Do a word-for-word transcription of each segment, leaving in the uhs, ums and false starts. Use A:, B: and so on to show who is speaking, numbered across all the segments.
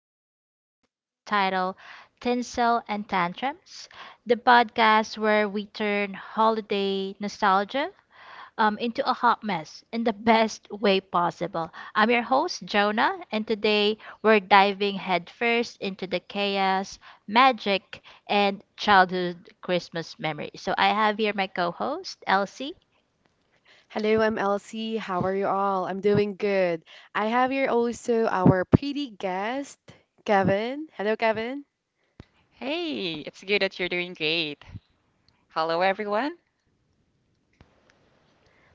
A: to our podcast titled Tinsel and Tantrums, the podcast where we turn holiday nostalgia um, into a hot mess in the best way possible. I'm your host, Jonah, and today we're diving headfirst into the chaos, magic, and childhood Christmas memories. So I have here my co host, Elsie.
B: Hello, I'm Elsie. How are you all? I'm doing good. I have here also our pretty guest, Kevin. Hello, Kevin.
C: Hey, it's good that you're doing great. Hello, everyone.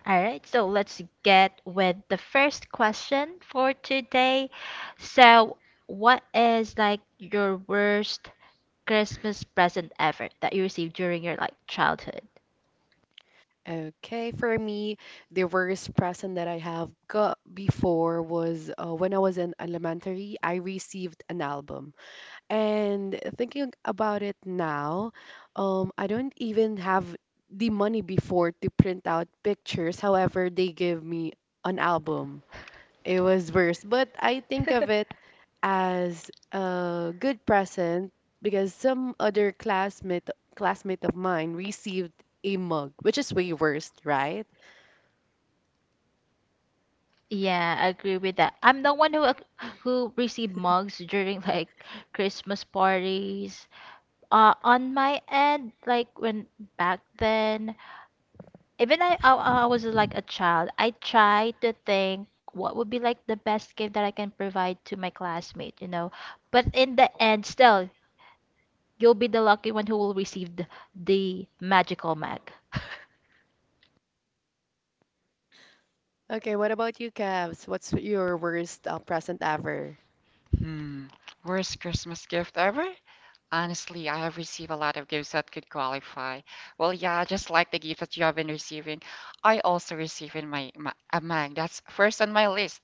A: All right, so let's get with the first question for today. So, what is like your worst Christmas present ever that you received during your like childhood?
B: Okay, for me, the worst present that I have got before was uh, when I was in elementary, I received an album. And thinking about it now, um, I don't even have the money before to print out pictures. However, they give me an album. It was worse, but I think of it as a good present because some other classmate classmate of mine received a mug, which is way worse, right?
A: Yeah, I agree with that. I'm the one who ac- who received mugs during like Christmas parties. Uh, on my end, like when back then, even I, I I was like a child, I tried to think what would be like the best gift that I can provide to my classmate, you know. But in the end, still, you'll be the lucky one who will receive the, the magical mag.
B: Okay, what about you, Cavs? What's your worst uh, present ever?
C: Hmm, Worst Christmas gift ever? Honestly, I have received a lot of gifts that could qualify. Well, yeah, just like the gift that you have been receiving, I also received in my, my a mug. That's first on my list.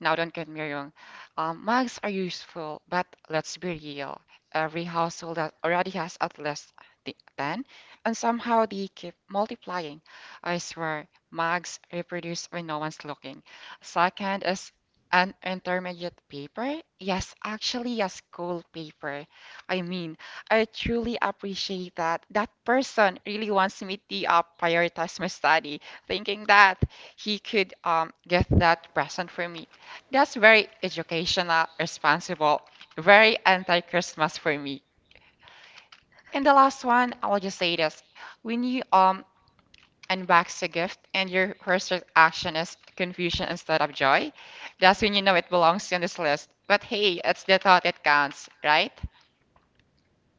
C: Now, don't get me wrong. Um, mugs are useful, but let's be real. Every household that already has at least the ten, and somehow they keep multiplying. I swear, mugs reproduce when no one's looking. Second is an intermediate paper. Yes, actually, a school paper. I mean, I truly appreciate that. That person really wants me to uh, prioritize my study, thinking that he could um, get that present for me. That's very educational, responsible, very anti-Christmas for me. And the last one, I will just say this. When you um unbox a gift and your first reaction is confusion instead of joy, that's when you know it belongs in this list. But hey, it's the thought that counts, right?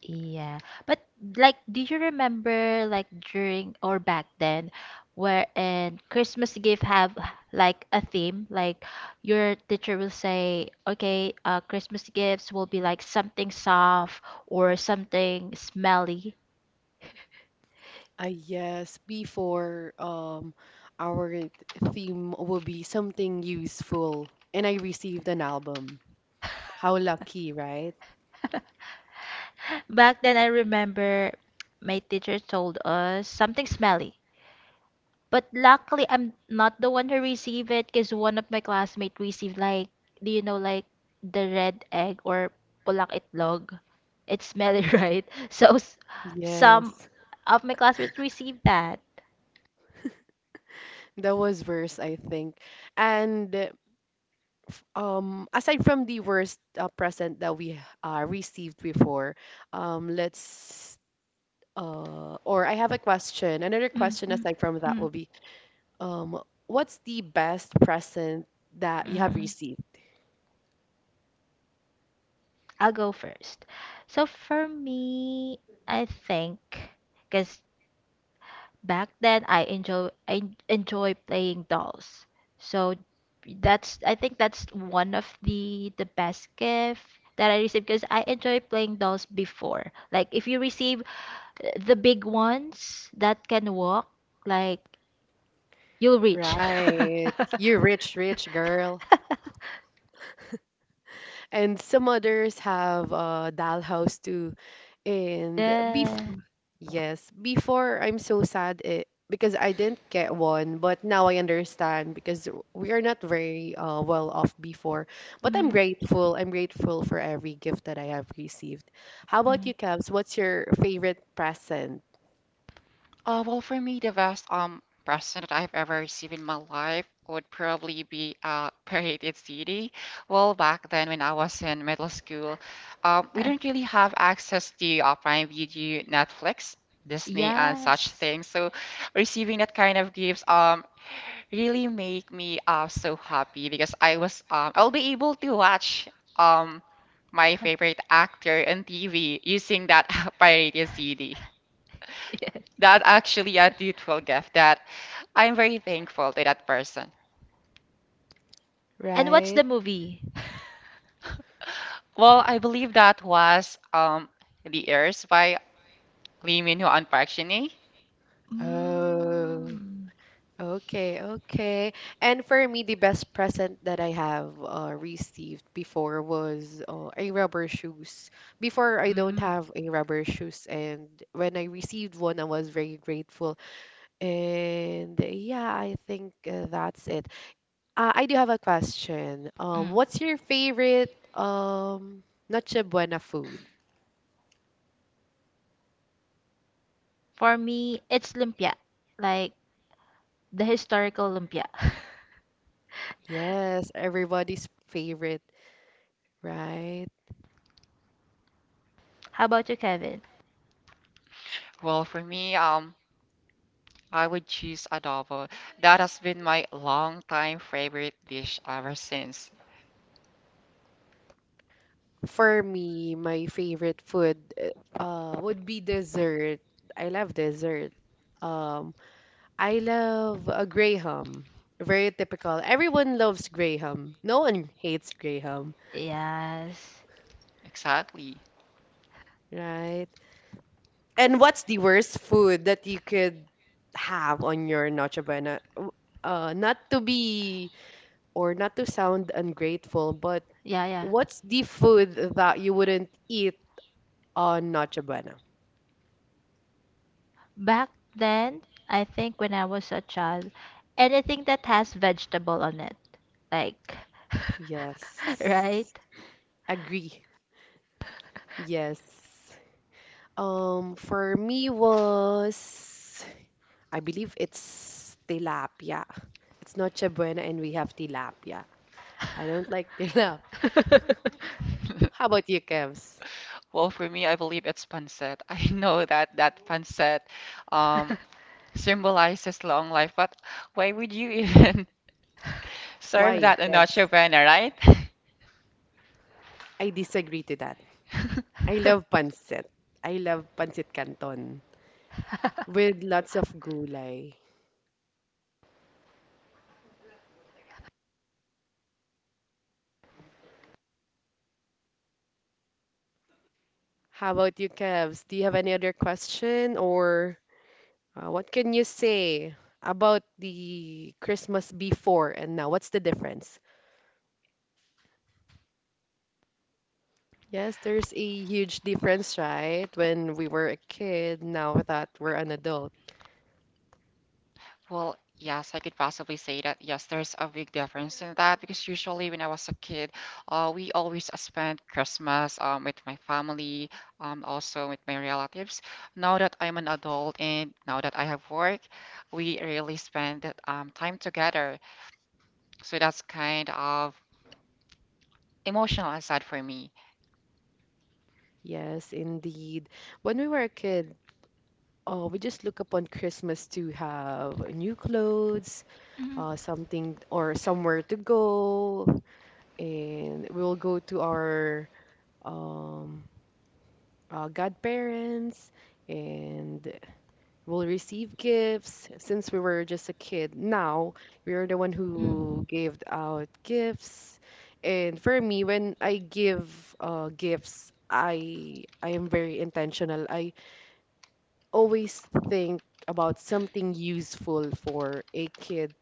A: Yeah. But like do you remember like during or back then where and Christmas gift have like a theme? Like your teacher will say, okay, uh Christmas gifts will be like something soft or something smelly.
B: I Yes, before, um our theme will be something useful, and I received an album. How lucky, right?
A: Back then I remember my teacher told us something smelly. But luckily, I'm not the one who received it because one of my classmates received, like, do you know, like, the red egg or pulang itlog? It's smelly, right? So, s- some
B: Yes,
A: of my classmates received that.
B: that was worse, I think. And um aside from the worst uh, present that we uh, received before, um let's, uh or I have a question, another
A: Mm,
B: question.
A: mm,
B: Aside from that
A: mm,
B: will be, um what's the best present that you have
A: mm.
B: received?
A: I'll go first. So, for me, I think, because back then, I enjoy I enjoy playing dolls. So that's I think that's one of the the best gift that I received because I enjoy playing dolls before. Like if you receive uh, the big ones that can walk, like you'll reach.
B: Right? You rich, rich girl. And some others have uh dollhouse too. And bef
A: Yeah.
B: yes, before, I'm so sad it because I didn't get one, but now I understand because we are not very uh well off before. But I'm
A: Mhm.
B: grateful. I'm grateful for every gift that I have received. How about
A: Mhm.
B: you, Cavs? What's your favorite present?
C: Uh, well, for me, the best um present that I've ever received in my life would probably be a pirated C D. Well, back then when I was in middle school, um, we didn't really have access to uh, Prime Video, Netflix, Disney, and such
A: Yes.
C: things. So receiving that kind of gifts um really make me uh so happy because I was um I'll be able to watch um my favorite actor on T V using that pirated C D.
A: Yeah.
C: That actually a beautiful gift that I'm very thankful to that person.
A: And what's
B: Right?
A: the movie?
C: Well, I believe that was um The Heirs by Lee Min-ho and Park Shin-hye.
B: Oh.
A: Mm,
B: Okay, okay. And for me, the best present that I have uh, received before was uh, a rubber shoes. Before, I don't
A: mm,
B: have a rubber shoes, and when I received one, I was very grateful. And yeah, I think uh, that's it. Uh, I do have a question. Um,
A: mm.
B: what's your favorite um Noche Buena food?
A: For me, it's lumpia, like the historical lumpia.
B: Yes, everybody's favorite, right?
A: How about you, Kevin?
C: Well, for me, um, I would choose adobo. That has been my long time favorite dish ever since.
B: For me, my favorite food uh would be dessert. I love dessert. Um, I love a graham. Very typical. Everyone loves graham. No one hates graham,
A: Yes.
C: Exactly.
B: right? And what's the worst food that you could have on your Noche Buena? W- Uh, not to be or not to sound ungrateful, but
A: Yeah, yeah.
B: what's the food that you wouldn't eat on Noche Buena?
A: Back then, I think when I was a child, anything that has vegetable on it, like,
B: Yes.
A: right?
B: Agree. Yes. Um, for me was, I believe it's tilapia. It's Noche Buena and we have tilapia. I don't like tilapia. How about you, Kevs?
C: Well, for me, I believe it's pancit. I know that that pancit um, symbolizes long life, but why would you even serve
B: Why,
C: that in a
B: Kevs?
C: Ravenna, right?
B: I disagree to that. I love pancit. I love pancit canton with lots of gulay. How about you, Kevs? Do you have any other question or uh, what can you say about the Christmas before and now? What's the difference? Yes, there's a huge difference, right? When we were a kid, now that we're an adult.
C: Well, yes, I could possibly say that. Yes, there's a big difference in that because usually when I was a kid, uh, we always uh, spent Christmas um, with my family, um, also with my relatives. Now that I'm an adult and now that I have work, we really spend that, um, time together. So that's kind of emotional and sad for me.
B: Yes, indeed. When we were a kid, oh, we just look upon Christmas to have new clothes,
A: Mm,
B: uh, something or somewhere to go, and we'll go to our um, uh, godparents, and We'll receive gifts since we were just a kid. Now we are the one
A: mm.
B: who gave out gifts. And for me, when I give uh, gifts, I I am very intentional. I always think about something useful for a kid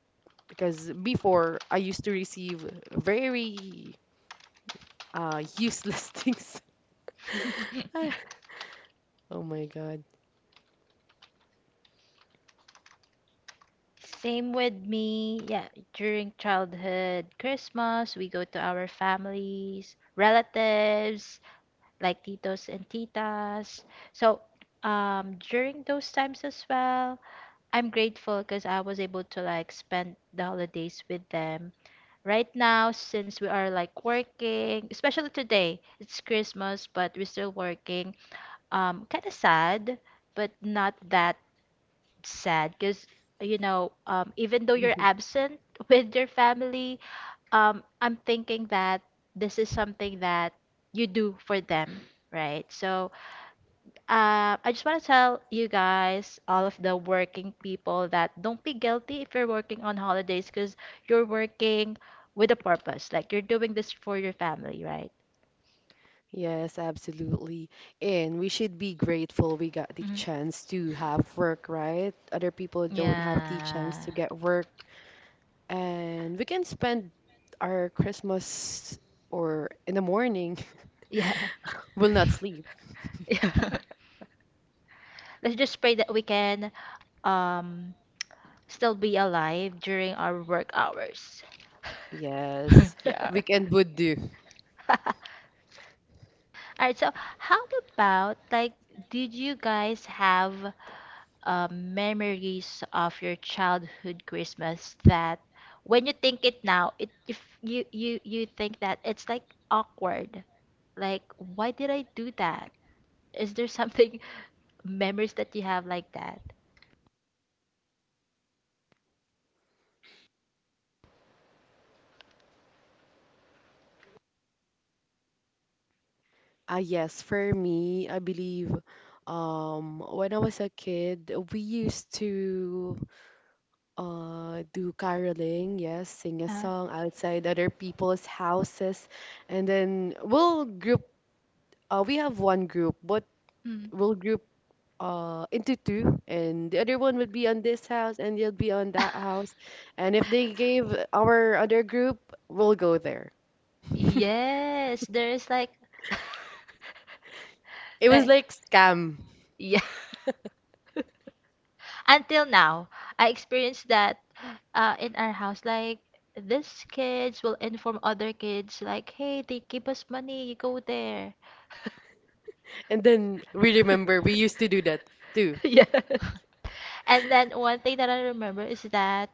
B: because before I used to receive very uh, useless things. Oh my God.
A: Same with me. Yeah, during childhood Christmas, we go to our families, relatives, like titos and titas. So, um, during those times as well, I'm grateful because I was able to like spend the holidays with them. Right now, since we are like working, especially today, it's Christmas, but we're still working. Um, kind of sad, but not that sad because you know um, even though you're absent with your family, um, I'm thinking that this is something that you do for them, right? So uh, I just want to tell you guys, all of the working people, that don't be guilty if you're working on holidays because you're working with a purpose, like you're doing this for your family, right?
B: Yes, absolutely. And we should be grateful we got the
A: Hmm.
B: chance to have work, right? Other people don't have the
A: Yeah.
B: chance to get work. And we can spend our Christmas or in the morning,
A: Yeah.
B: will not sleep.
A: Yeah. Let's just pray that we can um still be alive during our work hours.
B: Yes,
A: All
C: Yeah,
B: weekend would do.
A: right, so how about like did you guys have uh, memories of your childhood Christmas that when you think it now, it if you you you think that it's like awkward. Like why did I do that? Is there something memories that you have like that?
B: Ah, yes, for me, I believe um, when I was a kid, we used to. uh, do caroling, yes, sing a
A: Uh,
B: song outside other people's houses, and then we'll group. Uh, we have one group, but
A: mm.
B: we'll group uh into two, and the other one would be on this house, and they'll be on that house, and if they gave our other group, we'll go there.
A: Yes, there's like
B: It was
A: like
B: like scam,
A: yeah. Until now, I experienced that uh, in our house. Like these kids will inform other kids, like, "Hey, they give us money. You go there."
B: and then we remember we used to do that too.
A: Yes. And then one thing that I remember is that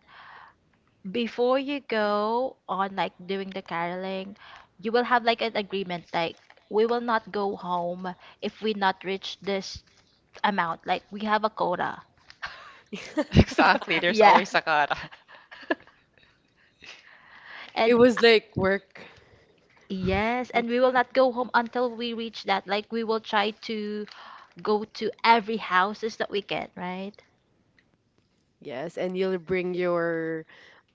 A: before you go on like doing the caroling, you will have like an agreement, like we will not go home if we not reach this amount. Like we have a quota.
C: exactly. There's
A: Yeah.
C: always a cut.
B: It
A: And
B: was like work.
A: yes, and we will not go home until we reach that. Like we will try to go to every houses that we can, right?
B: Yes, and you'll bring your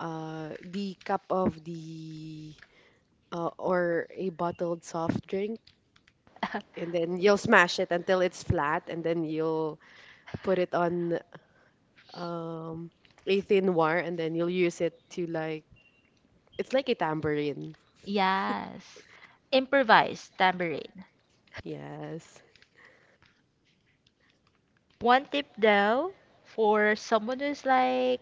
B: uh the cup of the uh, or a bottled soft drink, and then you'll smash it until it's flat, and then you'll put it on um a thin wire, and then you'll use it to like it's like a tambourine.
A: Yes. Improvise tambourine.
B: Yes.
A: One tip though, for someone who's like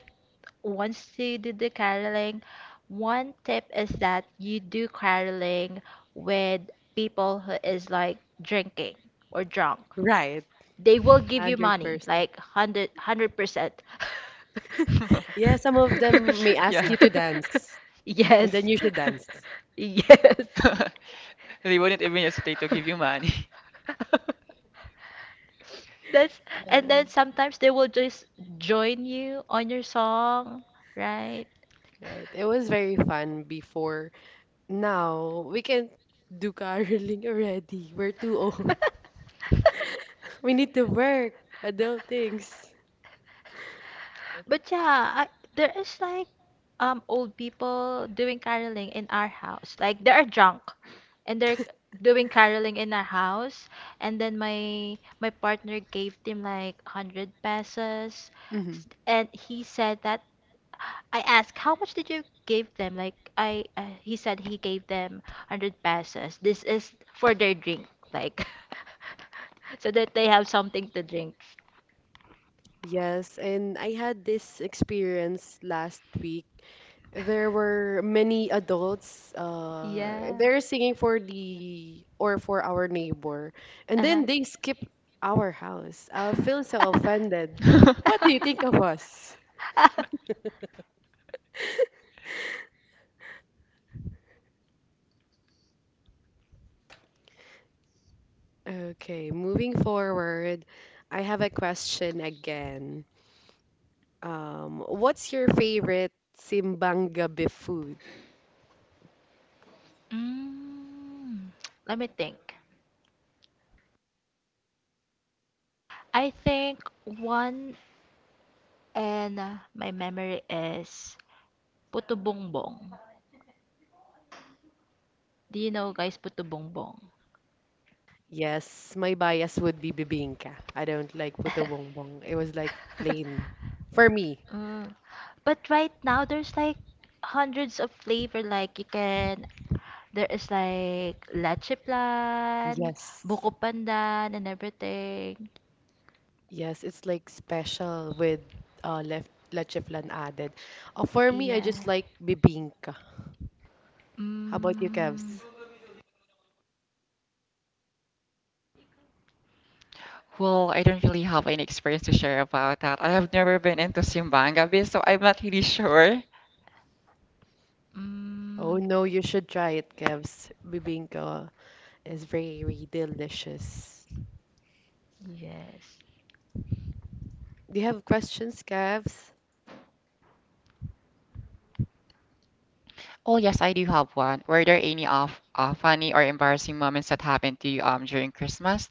A: wants to do the caroling, one tip is that you do caroling with people who is like drinking or drunk.
B: Right.
A: They will give you money,
B: one hundred percent.
A: like hundred hundred percent.
B: Yeah, some of them may ask
C: Yeah.
B: you to dance and then
A: Yes.
B: you should dance.
A: Yes.
C: They wouldn't even hesitate to give you money.
A: That's and
B: Uh,
A: then sometimes they will just join you on your song, right?
B: right. It was very fun before. Now, we can't do caroling already. We're too old. We need to work, adult things.
A: But yeah, I, there is like um old people doing caroling in our house. Like they are drunk and they're doing caroling in our house and then my my partner gave them like one hundred pesos
B: hmm
A: s- and he said that I asked, how much did you give them? Like, I, uh, he said he gave them one hundred pesos. This is for their drink, like, so that they have something to drink.
B: Yes, and I had this experience last week. There were many adults. Uh,
A: Yeah.
B: they're singing for the or for our neighbor, and
A: Uh-huh.
B: then they skip our house. I feel so offended. What do you think of us? Okay, moving forward, I have a question again. Um, what's your favorite simbang gabi food?
A: Mm, let me think. I think one and uh, my memory is Puto Bongbong. Do you know guys Puto Bongbong?
B: Yes, my bias would be bibingka. I don't like puto bongbong. It was like plain for me.
A: Mm. But right now there's like hundreds of flavor, like you can there is like leche plan,
B: Yes.
A: buko pandan and everything.
B: Yes, it's like special with uh left leche flan added. Uh, for me, I
A: Yeah.
B: just like bibingka. How about you,
A: Mm,
B: Kevs?
C: Well, I don't really have any experience to share about that. I have never been into Simbanga Beach, so I'm not really sure.
B: Oh
A: mm,
B: no, you should try it, Kevs. Bibingka is very delicious.
A: yes.
B: Do you have questions, Kevs?
C: Oh, yes, I do have one. Were there any of uh, funny or embarrassing moments that happened to you um during Christmas?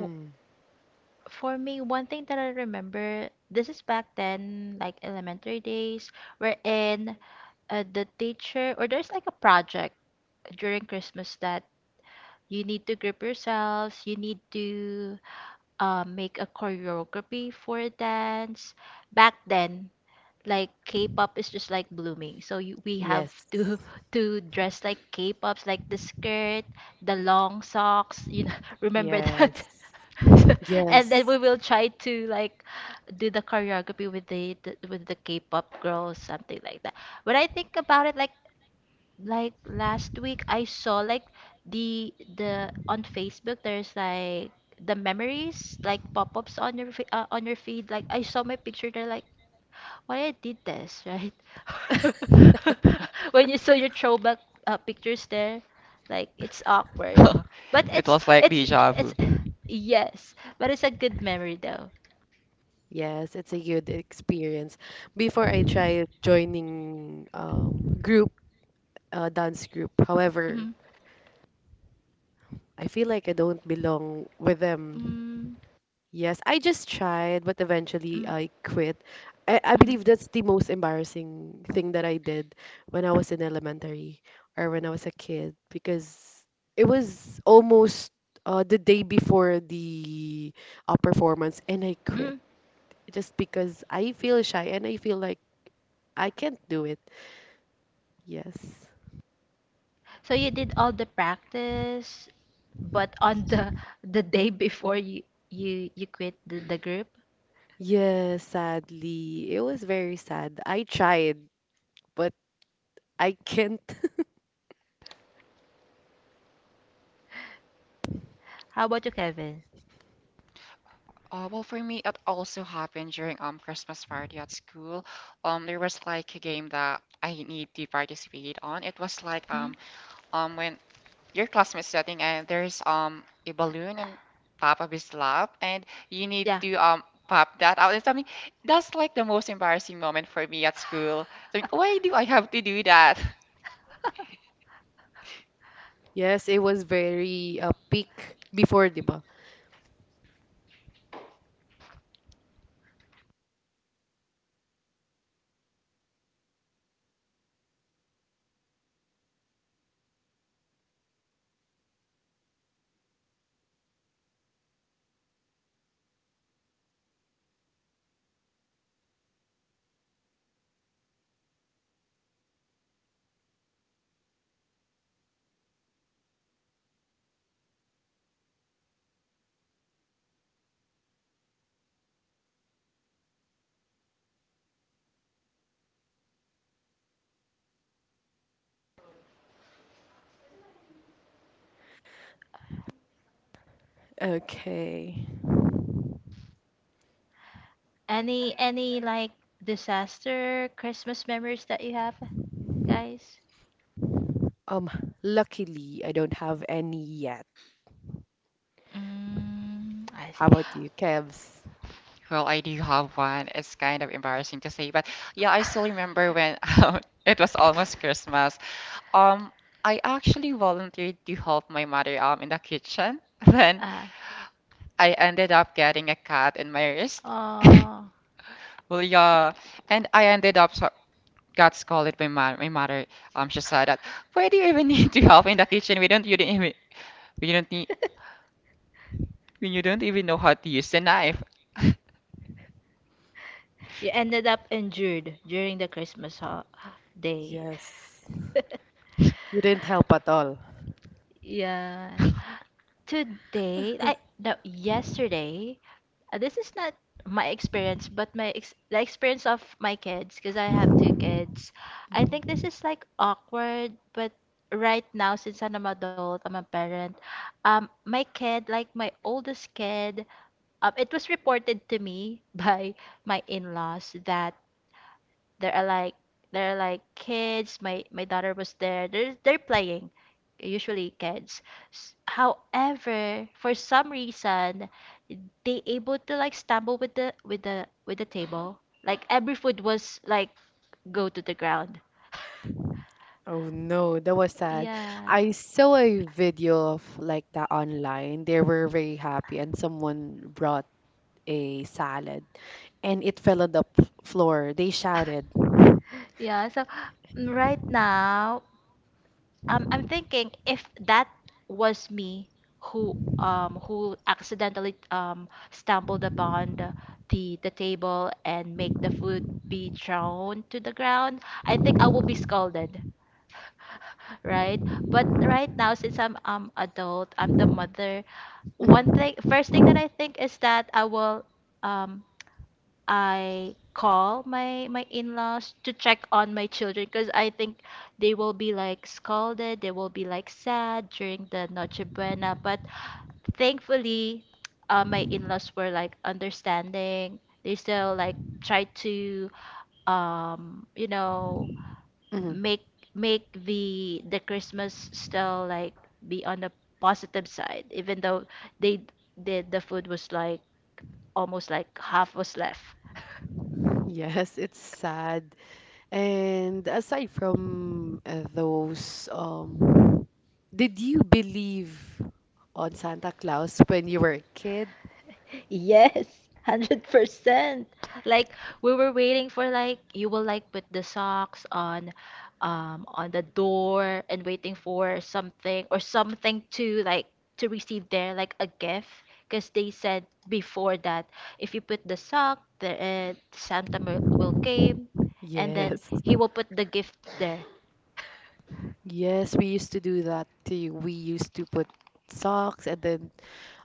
A: W- For me, one thing that I remember, this is back then, like elementary days, wherein uh, the teacher or there's like a project during Christmas that you need to group yourselves, you need to uh, make a choreography for a dance. Back then, like K-pop is just like blooming, so you, we have
B: Yes.
A: to to dress like K-pops, like the skirt, the long socks. You know, remember that?
B: Yes.
A: So- and then we
B: Yes.
A: will try to like do the choreography with the, the with the K-pop girls, something like that. When I think about it, like like last week I saw like the the on Facebook there's like the memories like pop-ups on your fe- uh, on your feed, like I saw my picture. They're like, why I did this, right? When you saw your throwback uh, pictures there, like it's awkward but
C: It
A: it's
C: was like
A: it's
C: deja
A: it's,
C: vu.
A: yes, but it's a good memory though.
B: Yes, it's a good experience. Before I tried joining um group uh, dance group. However,
A: Mm-hmm.
B: I feel like I don't belong with them.
A: mm
B: Yes, I just tried, but eventually
A: mm
B: I quit. I, I believe that's the most embarrassing thing that I did when I was in elementary or when I was a kid because it was almost uh, the day before the uh, performance and I quit.
A: Hmm.
B: just because I feel shy and I feel like I can't do it. Yes.
A: So you did all the practice but on the the day before you you you quit the, the group.
B: Yes, sadly. It was very sad. I tried, but I can't.
A: How about you, Kevin?
C: Uh, well, for me, it also happened during um Christmas party at school. Um, there was like a game that I need to participate on. It was like
A: Mm?
C: um um when your classmate's setting and there's um a balloon on top of his lap and you need
A: Yeah.
C: to um pop that out and something. That's like the most embarrassing moment for me at school. Like, why do I have to do that?
B: Yes, it was very uh, peak before, diba? Okay.
A: Any any like disaster Christmas memories that you have, guys?
B: Um, luckily, I don't have any yet.
A: Mm, I
B: How
A: see.
B: about you, Kevs?
C: Well, I do have one. It's kind of embarrassing to say, but yeah, I still remember when um, it was almost Christmas. Um, I actually volunteered to help my mother um in the kitchen. Then
A: Uh,
C: I ended up getting a cut in my wrist.
A: oh.
C: Well, yeah, and I ended up so got scolded by my my mother. Um, she said that why do you even need to help in the kitchen? We don't you don't even we don't need we you don't even know how to use the knife.
A: You ended up injured during the Christmas ho- day.
B: Yes. You didn't help at all.
A: Yeah. Today, I, no, yesterday. uh, This is not my experience, but my ex the experience of my kids, because I have two kids. I think
B: Mm-hmm.
A: this is like awkward, but right now, since I'm an adult, I'm a parent. Um, my kid, like my oldest kid, um, it was reported to me by my in-laws that there are like there are like kids. My my daughter was there. They're they're playing, usually kids. S- however for some reason, they able to like stumble with the with the with the table. Like every food was like go to the ground.
B: Oh no, that was sad.
A: Yeah.
B: I saw a video of like that online. They were very happy, and someone brought a salad, and it fell on the p- floor. They shouted.
A: Yeah. So mm, right now um I'm thinking if that was me who um who accidentally um stumbled upon the the, the table and make the food be thrown to the ground, I think I will be scolded, right? But right now, since I'm um adult, I'm the mother. One
B: Mhm,
A: thing, first thing that I think is that I will um I call my my in-laws to check on my children because I think they will be like scolded, they will be like sad during the Noche Buena. But thankfully, uh, my in-laws were like understanding. They still like try to um you know
B: mhm.
A: make make the the Christmas still like be on the positive side, even though they did the the food was like almost like half was left.
B: Yes, it's sad. And aside from uh, those, um, did you believe on Santa Claus when you were a kid?
A: Yes, one hundred percent. Like we were waiting for like you will like put the socks on um on the door and waiting for something or something to like to receive there like a gift because they said before that if you put the sock, the uh, Santa mi- will came and then
B: Yes.
A: he will put the gift there.
B: Yes, we used to do that too. We used to put socks, and then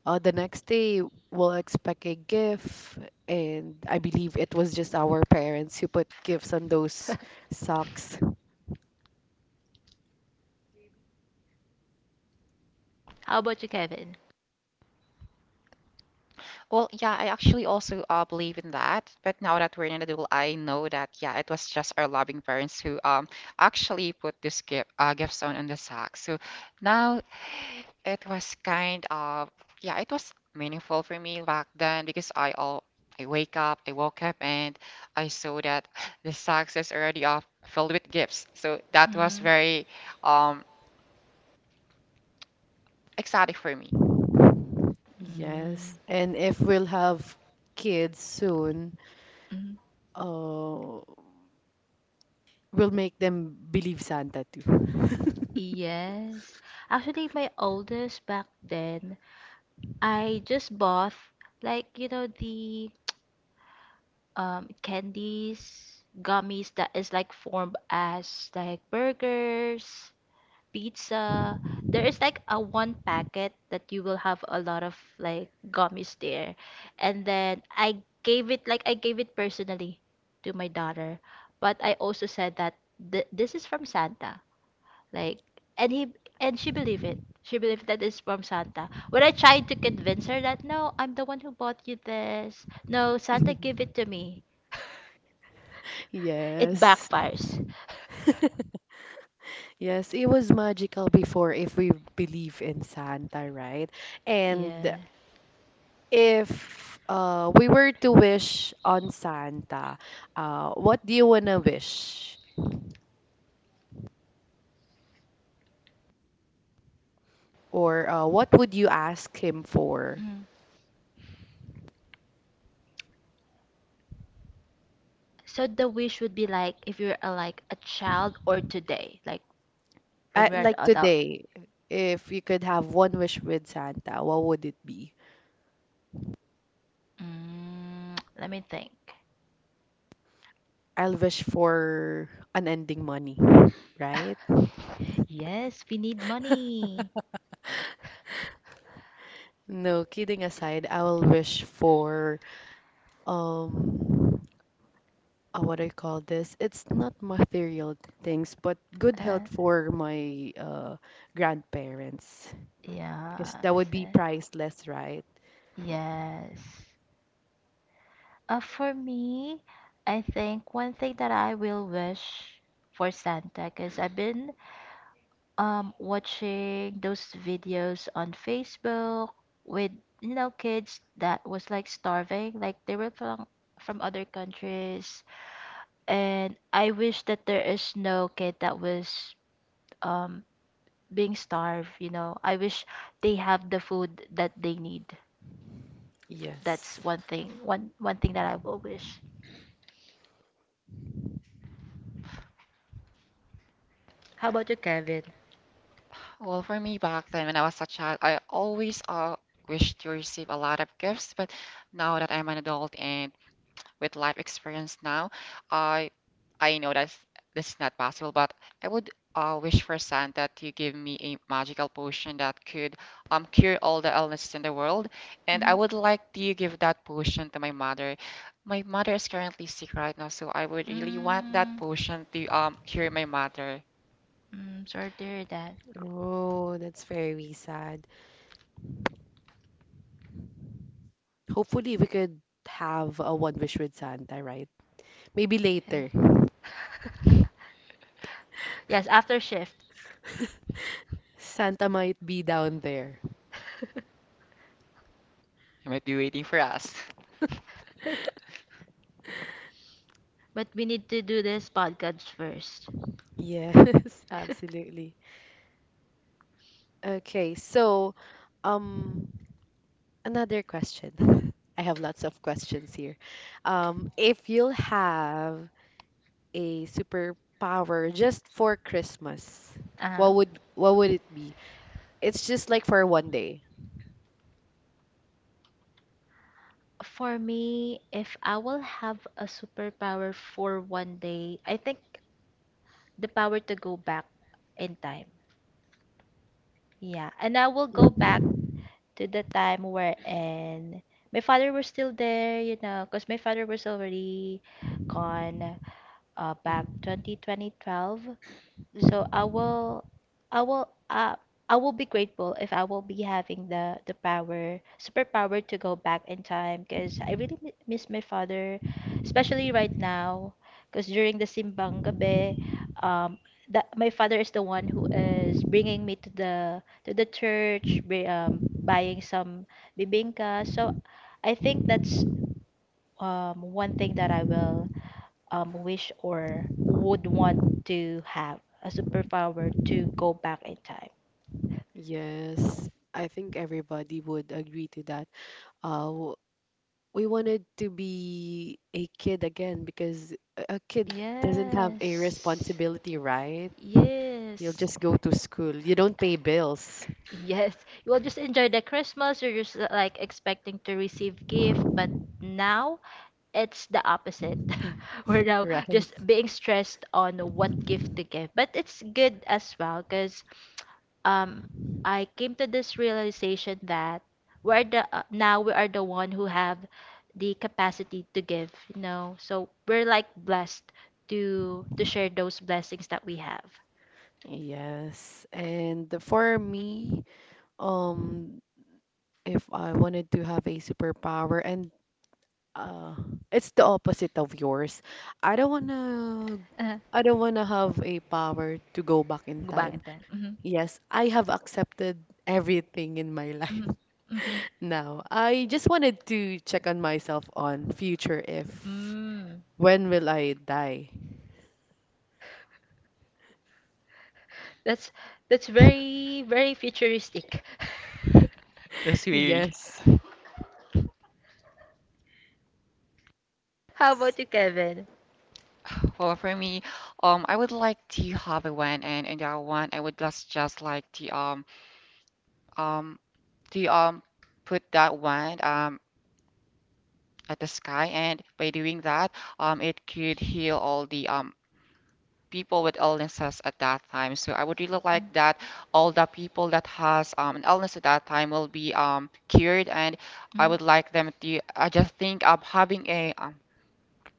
B: Uh, the next day, we'll expect a gift, and I believe it was just our parents who put gifts on those socks.
A: How about you, Kevin?
C: Well, yeah, I actually also uh, believe in that. But now that we're in an adult, I know that yeah, it was just our loving parents who um actually put this gift uh, gifts on on the sack. So now it was kind of yeah, it was meaningful for me back then because I all I wake up, I woke up, and I saw that the sacks is already uh, filled with gifts. So that was
A: Mm,
C: very um exciting for me.
A: mm,
B: Yes, and if we'll have kids soon,
A: mm.
B: uh, we'll make them believe Santa too.
A: Yes. Actually, my oldest back then I just bought like you know the um candies, gummies that is like formed as like burgers, pizza. There is like a one packet that you will have a lot of like gummies there. And then I gave it like I gave it personally to my daughter, but I also said that th this is from Santa. Like, and he and she believed it. She believed that it's from Santa. When I tried to convince her that no, I'm the one who bought you this. No, Santa gave it to me. It
B: Yes,
A: backfires.
B: yes, it was magical before if we believe in Santa, right? And
A: Yeah.
B: if uh, we were to wish on Santa, uh, what do you want to wish? Or uh, what would you ask him for?
A: Mm. So the wish would be like if you're a, like a child or today, like
B: Uh,
A: when we're an
B: like
A: adult.
B: today, if you could have one wish with Santa, what would it be?
A: Mm, let me think.
B: I'll wish for unending money, right?
A: Yes, we need money.
B: No, kidding aside, I will wish for um uh, what I call this. It's not material things, but good health
A: Uh,
B: for my uh grandparents because
A: yeah.
B: that would
A: so
B: be priceless, right?
A: Yes. Uh, for me, I think one thing that I will wish for Santa, because I've been um watching those videos on Facebook with you know kids that was like starving, like they were from from other countries, and I wish that there is no kid that was um being starved, you know. I wish they have the food that they need. That's
B: Yes.
A: one thing, one one thing that I will wish. How about you, Kevin?
C: Well, for me back then when I was a child, I always uh, wished to receive a lot of gifts, but now that I'm an adult and with life experience now, I I know that this is not possible, but I would uh, wish for Santa to give me a magical potion that could um cure all the illnesses in the world, and I
A: Mm-hmm.
C: would like to give that potion to my mother. My mother is currently sick right now, so I would really want that
A: Mm,
C: potion to um cure my mother.
A: mm, Sorry to hear that.
B: Oh, that's very sad. Hopefully, we could have a one wish with Santa, right? Maybe
A: Eh,
B: later.
A: Yes, after shift.
B: Santa might be down there.
C: You might be waiting for us.
A: But we need to do this podcast first.
B: Yes, absolutely. Okay, so um another question. I have lots of questions here. Um, if you'll have a superpower just for Christmas,
A: Uh,
B: what would what would it be? It's just like for one day.
A: For me, if I will have a superpower for one day, I think the power to go back in time. Yeah, and I will go
B: Mm,
A: back to the time where and my father was still there, you know, because my father was already gone uh, back
B: mm,
A: twenty twenty twelve. So
B: mm.
A: I will, I will, uh, I will be grateful if I will be having the the power, superpower to go back in time, because I really mi- miss my father, especially right now, because during the simbang gabi, um, that my father is the one who is bringing me to the to the church, bri- um, buying some bibingka. So I think that's um one thing that I will um, wish or would want to have a superpower to go back in time?
B: Yes, I think everybody would agree to that. Uh, w- we wanted to be a kid again because a a kid doesn't have a
A: Yes.
B: responsibility, right? You'll
A: Yes.
B: just go to school. You don't pay bills,
A: Yes. You will just enjoy the Christmas. You're just uh, like expecting to receive gift, but now it's the opposite. We're now
B: right?
A: just being stressed on what gift to give. But it's good as well because um, I came to this realization that we're the uh, now we are the one who have the capacity to give, you know. So we're like blessed to to share those blessings that we have.
B: Yes. And for me, um, if I wanted to have a superpower and uh it's the opposite of yours. I don't wanna
A: Uh,
B: I don't wanna have a power to go back in time.
A: Gumamit din. Mhm,
B: Yes, I have accepted everything in my life
A: mhm, mhm.
B: now. I just wanted to check on myself on future if
A: Mm.
B: when will I die?
A: That's that's very very futuristic.
C: That's weird.
B: Yes.
A: How about you, Kevin?
C: Well, for me, um, I would like to have a one, and in that one, I would just just like to um um to um put that one um at the sky, and by doing that, um, it could heal all the um people with illnesses at that time. So I would really like
A: Mhm.
C: that all the people that has um an illness at that time will be um cured, and I would like them to. I just think um having a um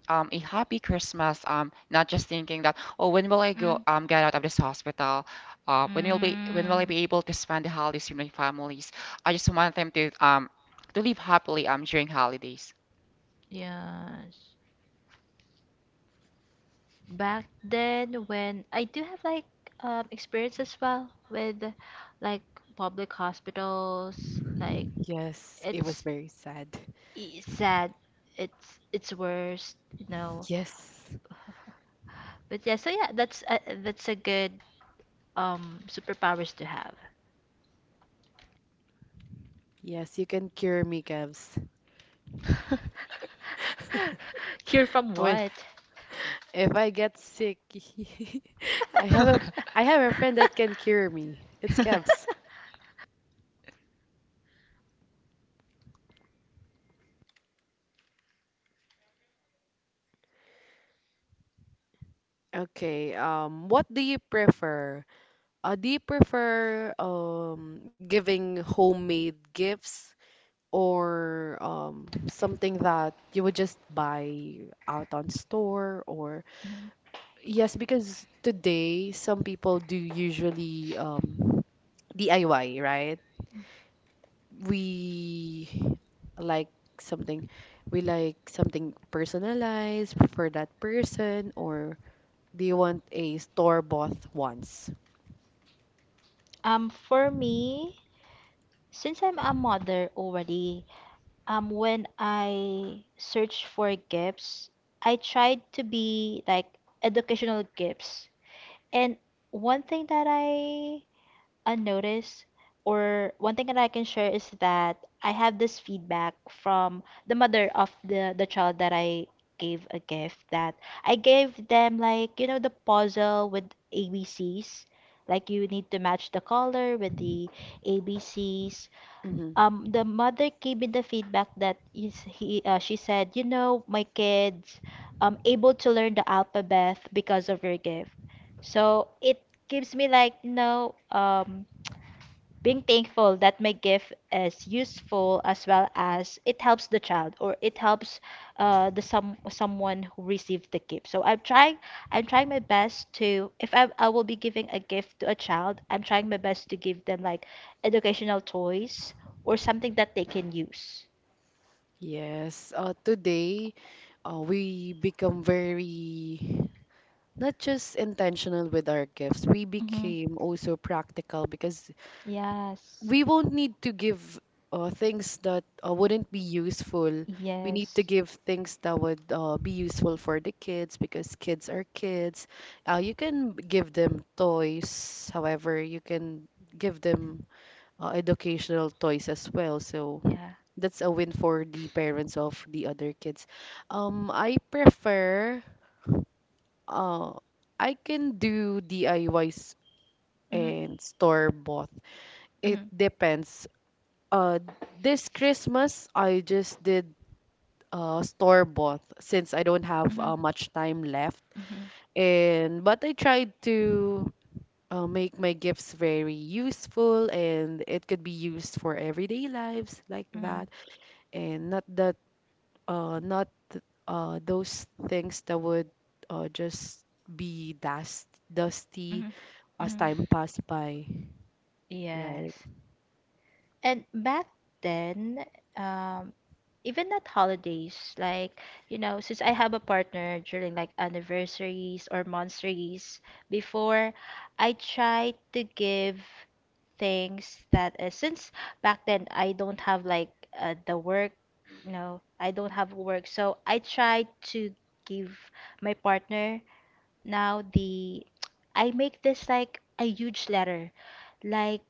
C: um, a happy Christmas, um, not just thinking that, oh, when will I go
A: Mm.
C: um, get out of this hospital? Uh, when will be when will I
A: Mm.
C: be able to spend the holidays with my families? I just want them to um, to live happily um, during holidays.
A: Yes. Back then, when I do have like um, experience as well with like public hospitals, like
B: Yes, it was
A: it's,
B: very sad.
A: it's sad, it's it's worse, you know.
B: Yes.
A: But yeah, so yeah, that's a, that's a good um superpowers to have.
B: Yes, you can cure me, Kevs.
A: Cure from
B: When
A: what?
B: if I get sick, I have a I have a friend that can cure me. It's Kevs. Okay, um, what do you prefer? Uh, do you prefer um, giving homemade gifts or um, something that you would just buy out on store? Or
A: Mhm.
B: yes, because today some people do usually um, D I Y, right? We like something, we like something personalized for that person, or do you want a store-bought ones?
A: Um, for me, since I'm a mother already, um, when I search for gifts, I tried to be like educational gifts. And one thing that I unnoticed or one thing that I can share is that I have this feedback from the mother of the the child that I gave a gift, that I gave them like you know the puzzle with A B Cs, like you need to match the color with the A B Cs.
B: Mm-hmm.
A: Um the mother gave me the feedback that is he uh, she said, you know, my kids um able to learn the alphabet because of your gift. So it gives me like, you know, um being thankful that my gift is useful as well, as it helps the child or it helps uh, the some someone who received the gift. So i'm trying i'm trying my best to, if I, I will be giving a gift to a child, I'm trying my best to give them like educational toys or something that they can use.
B: Yes, uh, today uh, we become very not just intentional with our gifts, we
A: Mm-hmm.
B: became also practical because
A: Yes,
B: we won't need to give uh, things that uh, wouldn't be useful. We need to
A: yes,
B: give things that would uh, be useful for the kids because kids are kids. Uh, you can give them toys, however, you can give them uh, educational toys as well. So
A: yeah.
B: that's a win for the parents of the other kids. Um, I prefer, uh, I can do D I Ys
A: Mm-hmm.
B: and store bought. It
A: Mhm.
B: depends. Uh, this Christmas I just did uh store bought since I don't have
A: Mhm.
B: uh, much time left.
A: Mhm.
B: And but I tried to uh, make my gifts very useful and it could be used for everyday lives like
A: Mhm.
B: that, and not that uh not th- uh those things that would uh just be dust dusty
A: Mhm.
B: as
A: Mhm.
B: time passed by, right?
A: Yes. And back then, um, even at holidays, like, you know, since I have a partner during like anniversaries or monthsaries, before I try to give things that uh, since back then I don't have like uh, the work, you know, I don't have work, so I try to give my partner now the I make this like a huge letter, like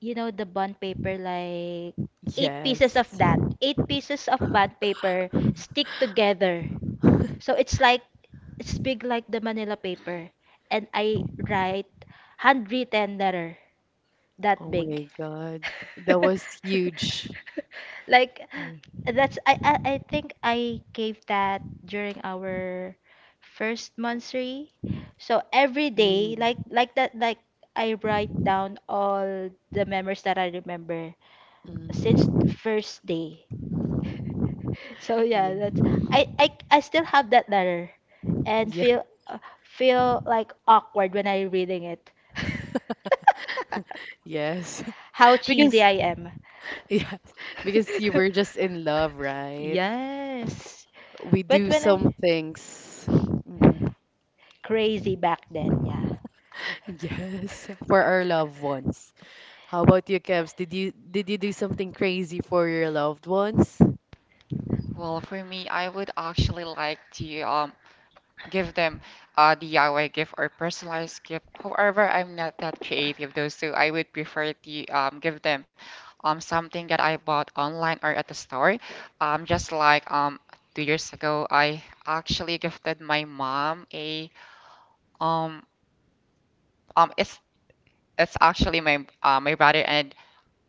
A: you know the bond paper, like eight pieces
B: Yes.
A: of that. Eight pieces of bond paper stick together. So it's like it's big like the Manila paper. And I write handwritten letter that
B: Oh
A: big.
B: my God. That was huge.
A: Like
B: Yeah.
A: that's I, I I think I gave that during our first monthsary. So every day, like
B: Mm,
A: like that, like I write down all the memories that I remember since
B: mm,
A: first day. So yeah,
B: yeah,
A: that's I I I still have that letter and
B: yeah,
A: feel uh, feel like awkward when I reading it.
B: yes.
A: How cheesy
B: Because
A: I am.
B: yes, because you were just in love, right?
A: Yes.
B: We
A: But
B: do
A: when I
B: some things. Mm,
A: crazy back then, yeah.
B: yes, for our loved ones. How about you, Kevs? Did you did you do something crazy for your loved ones?
C: Well, for me, I would actually like to um, give them uh, the D I Y gift or personalized gift. However, I'm not that creative though, so I would prefer to um, give them um, something that I bought online or at the store. Um, just like um, two years ago, I actually gifted my mom a um um it's it's actually my uh, my brother and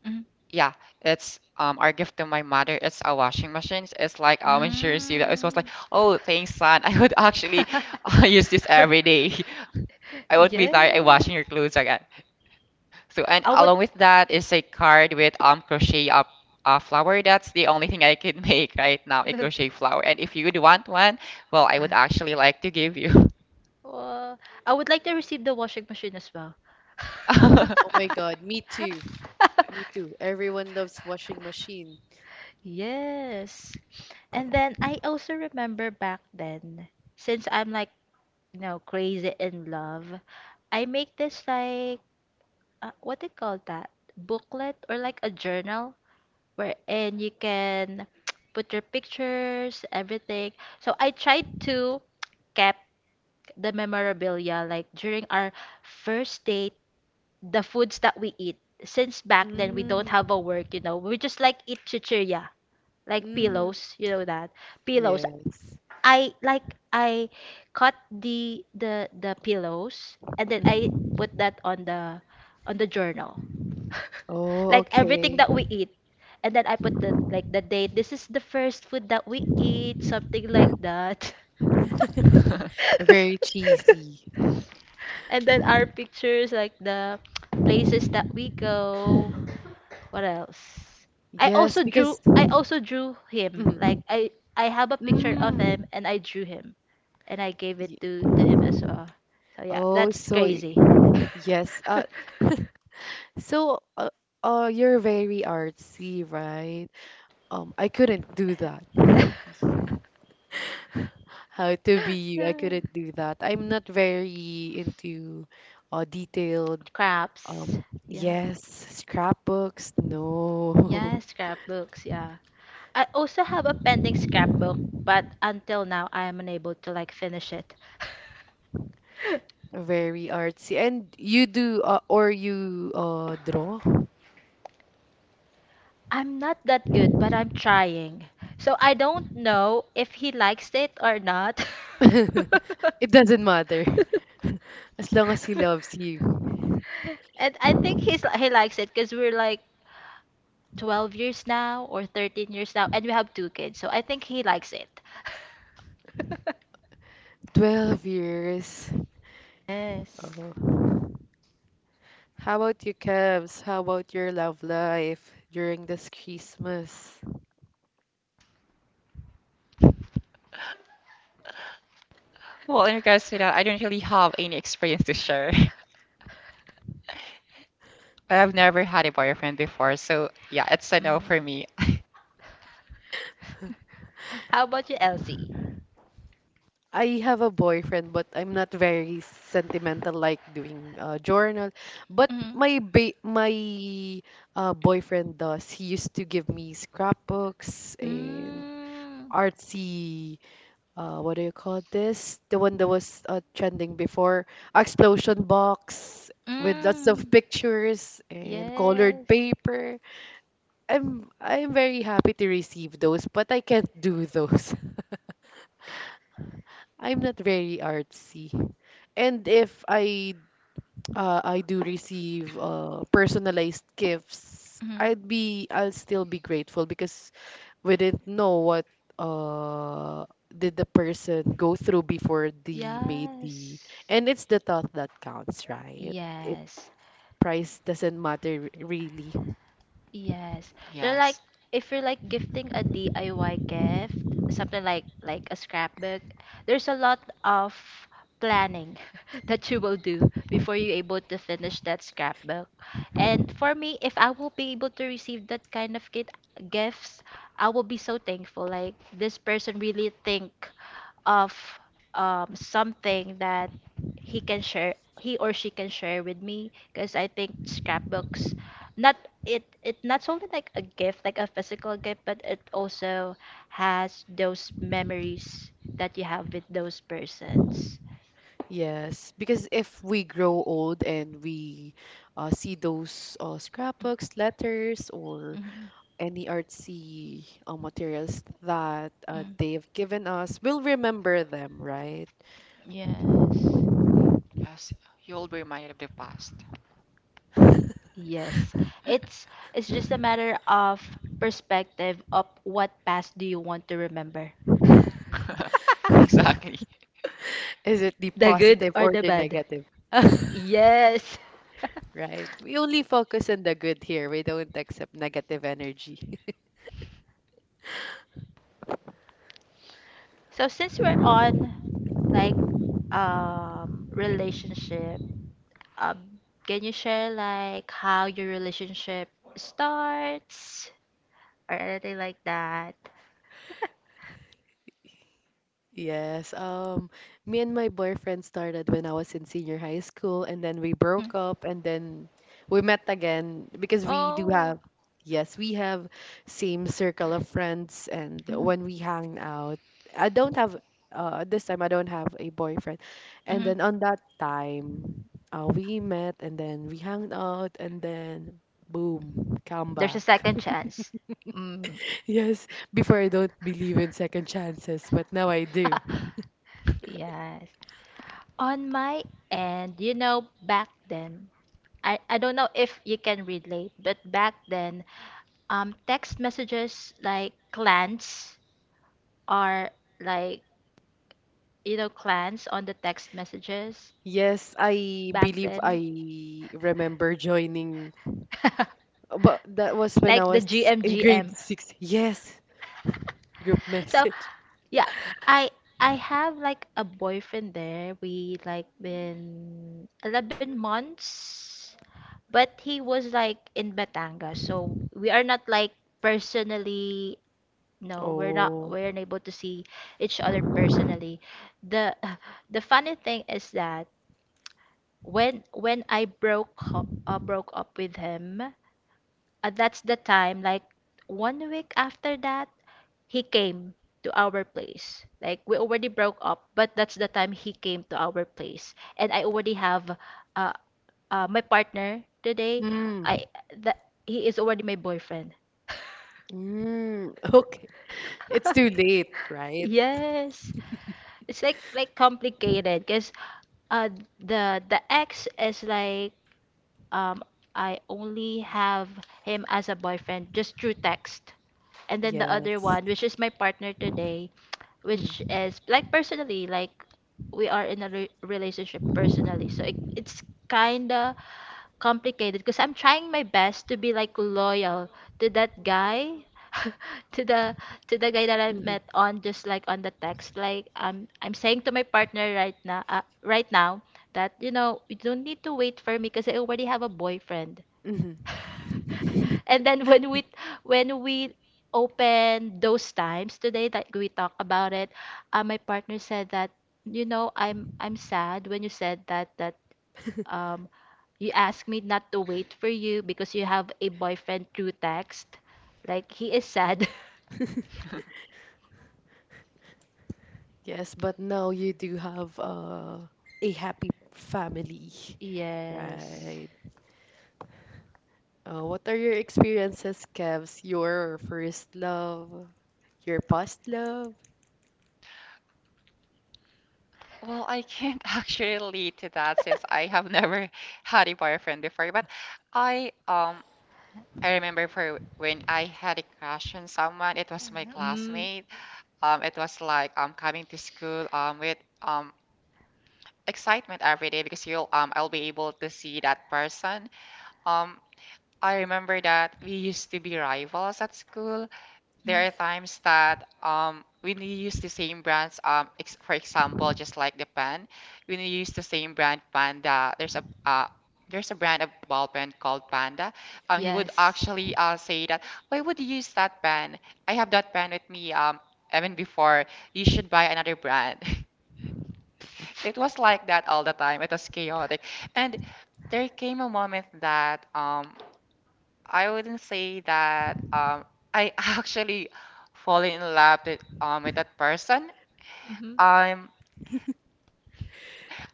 A: Mm.
C: yeah, it's um our gift to my mother. It's a washing machine. It's like um insurance. She know, It it was like,
A: Mm.
C: oh, thanks, son. I would actually uh, use this every day. I would be tired of
A: Yeah.
C: washing your clothes again. So and
A: I would
C: along with that is a card with um crochet up a flower. That's the only thing I can make right now, a crochet flower. And if you would want one, well, I would actually like to give you.
A: Well, I would like to receive the washing machine as well.
B: Oh my God, me too. Me too. Everyone loves washing machine.
A: Yes. And then I also remember back then, since I'm like, you know, crazy in love, I make this like, uh, what do you call that? Booklet or like a journal wherein you can put your pictures, everything. So I tried to kept the memorabilia like during our first date, the foods that we eat. Since back then we don't
B: Mm,
A: have a work, you know, we just like eat chichirya, like
B: mm,
A: pillows, you know that pillows.
B: yes.
A: I like I cut the the the pillows and then I
B: Mm.
A: put that on the on the journal.
B: Oh,
A: Like everything
B: okay.
A: that we eat. And then I put the like the date. This is the first food that we eat, something like that.
B: Very cheesy.
A: And then our pictures, like the places that we go. What else? I
B: Yes,
A: also
B: because
A: drew I also drew him. Like
B: mm,
A: I I have a picture of
B: mm,
A: him and I drew him and I gave
B: y-
A: it to to him as well. So yeah,
B: oh,
A: that's
B: so y-
A: crazy.
B: yes. Uh, so uh, uh, you're very artsy, right? Um, I couldn't do that. How to be you. I
A: Yeah.
B: couldn't do that. I'm not very into uh, detailed,
A: Scraps.
B: um,
A: Yeah.
B: yes, scrapbooks.
A: Yeah,
B: No.
A: scrapbooks, yeah. I also have a pending scrapbook, but until now I am unable to like finish it.
B: Very artsy. And you do, uh, or you uh, draw?
A: I'm not that good, but I'm trying. So I don't know if he likes it or not.
B: It doesn't matter. As long as he loves you.
A: And I think he's he likes it because we're like twelve years now or thirteen years now, and we have two kids. So I think he likes it.
B: twelve years.
A: Yes.
B: Oh. How about you, Kevs? How about your love life during this Christmas?
C: Well, in regards to that, I don't really have any experience to share. I've never had a boyfriend before, so yeah, it's a no for
A: Mm.
C: me.
A: How about you, Elsie?
B: I have a boyfriend, but I'm not very sentimental like doing uh, journal. But
A: Mm.
B: my ba my uh, boyfriend does. He used to give me scrapbooks and
A: Mm.
B: artsy. Uh, what do you call this? The one that was uh, trending before, explosion box with lots of
A: Mm.
B: pictures and colored
A: Yes.
B: paper. I'm I'm very happy to receive those, but I can't do those. I'm not very artsy. And if I uh, I do receive uh, personalized gifts,
A: Mhm.
B: I'd be I'll still be grateful because we didn't know what uh did the person go through before they made the
A: Yes.
B: and it's the thought that counts, right? It
A: Yes.
B: price doesn't matter r- really.
A: Yes. So like
C: Yes.
A: if you're like gifting a D I Y gift, something like like a scrapbook, there's a lot of planning that you will do before you're able to finish that scrapbook. And for me, if I will be able to receive that kind of gift gifts, I will be so thankful. Like this person really think of um, something that he can share, he or she can share with me. Because I think scrapbooks not it it not only like a gift, like a physical gift, but it also has those memories that you have with those persons.
B: Yes, because if we grow old and we uh, see those uh, scrapbooks, letters, or
A: Hmm.
B: any artsy uh, materials that uh, they
A: Mm.
B: have given us, we'll remember them, right?
A: Yes,
C: Yes. You'll be reminded of the past.
A: yes, it's it's just a matter of perspective of what past do you want to remember.
C: Exactly.
B: Is it the
A: The good
B: positive
A: or
B: or
A: the
B: the
A: bad.
B: negative?
A: Yes.
B: Right. We only focus on the good here. We don't accept negative energy.
A: So since we're on like um relationship. Um, can you share like how your relationship starts or anything like that?
B: Yes. Um, me and my boyfriend started when I was in senior high school, and then we
A: Mm.
B: broke up, and then we met again because we do
A: Oh,
B: have, yes, we have same circle of friends, and
A: mm,
B: when we hang out, I don't have, uh, this time I don't have a boyfriend, and
A: mhm.
B: then on that time, uh, we met, and then we hung out, and then boom, come
A: There's a
B: back.
A: second chance. Mm.
B: Yes, before I don't believe in second chances, but now I do.
A: Yes. On my end, you know, back then, I, I don't know if you can relate, but back then, um, text messages like clans are like, you know, clans on the text messages
B: Yes, I
A: back
B: believe
A: then.
B: I remember joining, but that was when I
A: Like the
B: was in grade
A: G M G M.
B: six. Yes, group
A: So
B: message.
A: yeah, I I have like a boyfriend there. We like been eleven months, but he was like in Batangas. So we are not like personally, no, we're not
B: Oh,
A: we're unable to see each other personally. The the funny thing is that when when I broke ho- uh, broke up with him, uh, that's the time like one week after that he came to our place. Like we already broke up, but that's the time he came to our place, and I already have uh, uh my partner today.
B: mm,
A: I That he is already my boyfriend.
B: mm, okay. It's too late, right?
A: Yes, it's like like complicated because uh the the ex is like um, I only have him as a boyfriend just through text. And then the other
B: Yes.
A: one, which is my partner today, which
B: Mm,
A: is like personally, like we are in a re relationship personally. So it, it's kinda complicated because I'm trying my best to be like loyal to that guy, to the to the guy that I
B: mhm,
A: met on just like on the text. Like I'm I'm saying to my partner right now uh, right now that you know you don't need to wait for me because I already have a boyfriend.
B: mhm.
A: And then when we when we open those times today that we talk about it, uh, my partner said that, you know, I'm I'm sad when you said that that um, you asked me not to wait for you because you have a boyfriend through text. Like he is sad.
B: Yes, but now you do have uh, a happy family,
A: Yes.
B: right? Uh, what are your experiences, Kevs? Your first love, your past love?
C: Well, I can't actually relate to that since I have never had a boyfriend before, but I um I remember for when I had a crush on someone, it was my
A: Mm.
C: classmate. Um, it was like um coming to school um with um excitement every day because you'll um I'll be able to see that person. Um, I remember that we used to be rivals at school.
A: Mm.
C: There are times that um when you use the same brands um ex for example just like the pen, when you use the same brand Panda, there's a uh there's a brand of ball pen called Panda. Um, he would
A: Yes.
C: actually uh say that why would you use that pen? I have that pen with me um even before. You should buy another brand. It was like that all the time. It was chaotic, and there came a moment that um I wouldn't say that um I actually fall in love with um with that person.
A: Hmm.
C: Um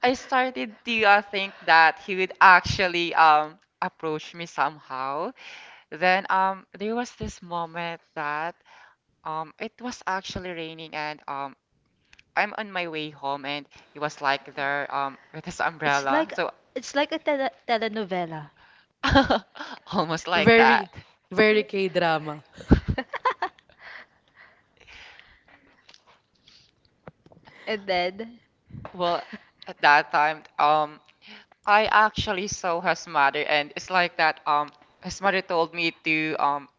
C: I started to uh, think that he would actually um approach me somehow. Then um there was this moment that um it was actually raining and um I'm on my way home and he was like there um with his
A: It's
C: umbrella.
A: like
C: So
A: it's like a tele telenovela.
C: almost like that.
B: Very, very K-drama.
A: And then
C: Well, at that time, um, I actually saw his mother, and it's like that. Um, his mother told me to. Um,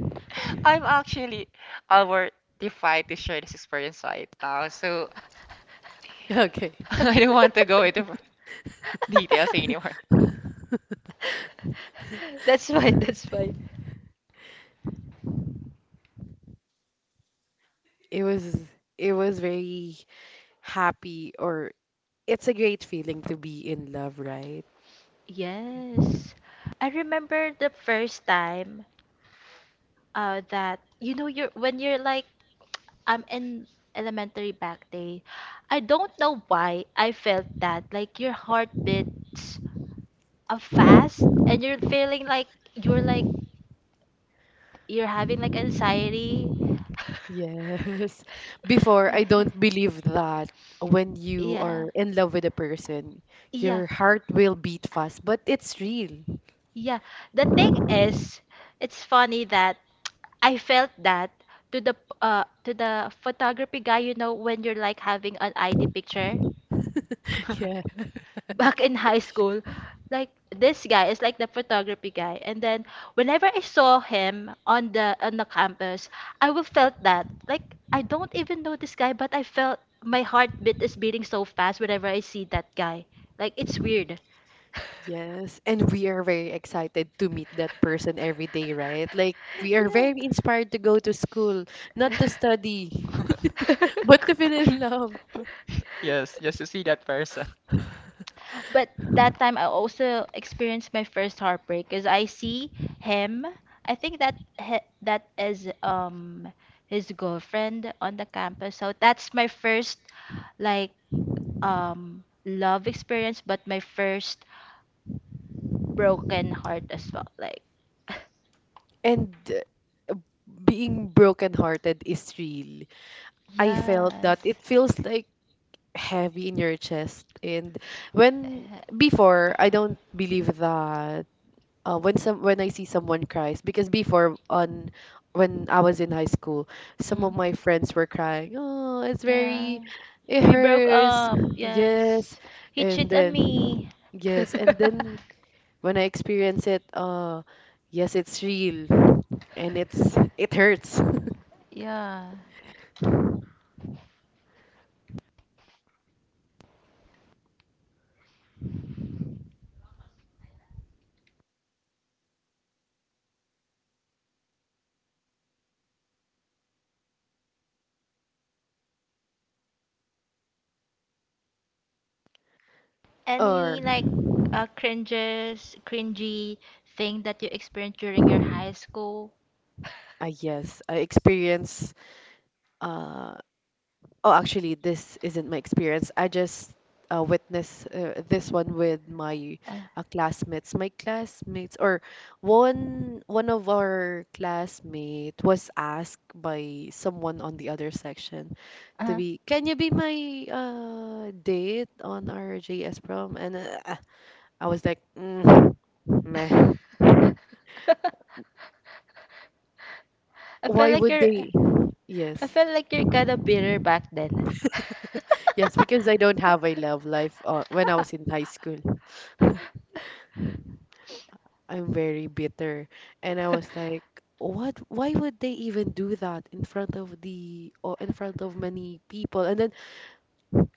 C: I'm actually overtified to share this experience right now, so
B: Okay.
C: I don't want to go into f- details anymore.
A: that's fine, that's fine.
B: It was it was very happy or it's a great feeling to be in love, right?
A: Yes. I remember the first time uh that, you know, you're when you're like I'm in elementary back day. I don't know why I felt that like your heart beats uh, fast and you're feeling like you're like you're having like anxiety.
B: Yes. Before, I don't believe that when you
A: Yeah.
B: are in love with a person,
A: Yeah.
B: your heart will beat fast, but it's real.
A: Yeah, the thing is, it's funny that I felt that to the uh to the photography guy, you know, when you're like having an I D picture back in high school, like this guy is like the photography guy. And then whenever I saw him on the on the campus, I will felt that like I don't even know this guy, but I felt my heartbeat is beating so fast whenever I see that guy. Like it's weird.
B: Yes, and we are very excited to meet that person every day, right? Like we are
A: Yeah.
B: very inspired to go to school, not to study, but to feel in love.
C: Yes, just to see that person.
A: But that time I also experienced my first heartbreak because I see him. I think that he, that is um his girlfriend on the campus. So that's my first like um love experience, but my first broken heart as well. Like
B: And uh, being brokenhearted is real. I felt that
A: yes.
B: it feels like heavy in your chest. And when before, I don't believe that uh, when some when I see someone cries because before on when I was in high school,
A: Uh,
B: some of
A: mm,
B: my friends were crying. Oh, it's very,
A: yeah.
B: it
A: We broke
B: hurts.
A: up.
B: Yes,
A: Yes. He
B: and
A: cheated on me.
B: then yes, and then when I experience it, uh, yes, it's real and it's it hurts.
A: Yeah. Any
B: Or
A: like uh, cringes, cringy thing that you experienced during your high school?
B: uh, yes, I experience. Uh, Oh, actually, this isn't my experience. I just uh, witnessed uh, this one with my
A: Uh,
B: uh, classmates. My classmates, or one one of our classmate was asked by someone on the other section to
A: uh.
B: be, "Can you be my uh, date on our J S prom?" And uh, I was like, mm, "Meh."
A: I felt
B: Why
A: like
B: would
A: you're
B: they?
A: I
B: Yes,
A: felt like you're kind of bitter back then.
B: yes, because I don't have a love life uh, when I was in high school. I'm very bitter. And I was like, what? Why would they even do that in front of the or in front of many people? And then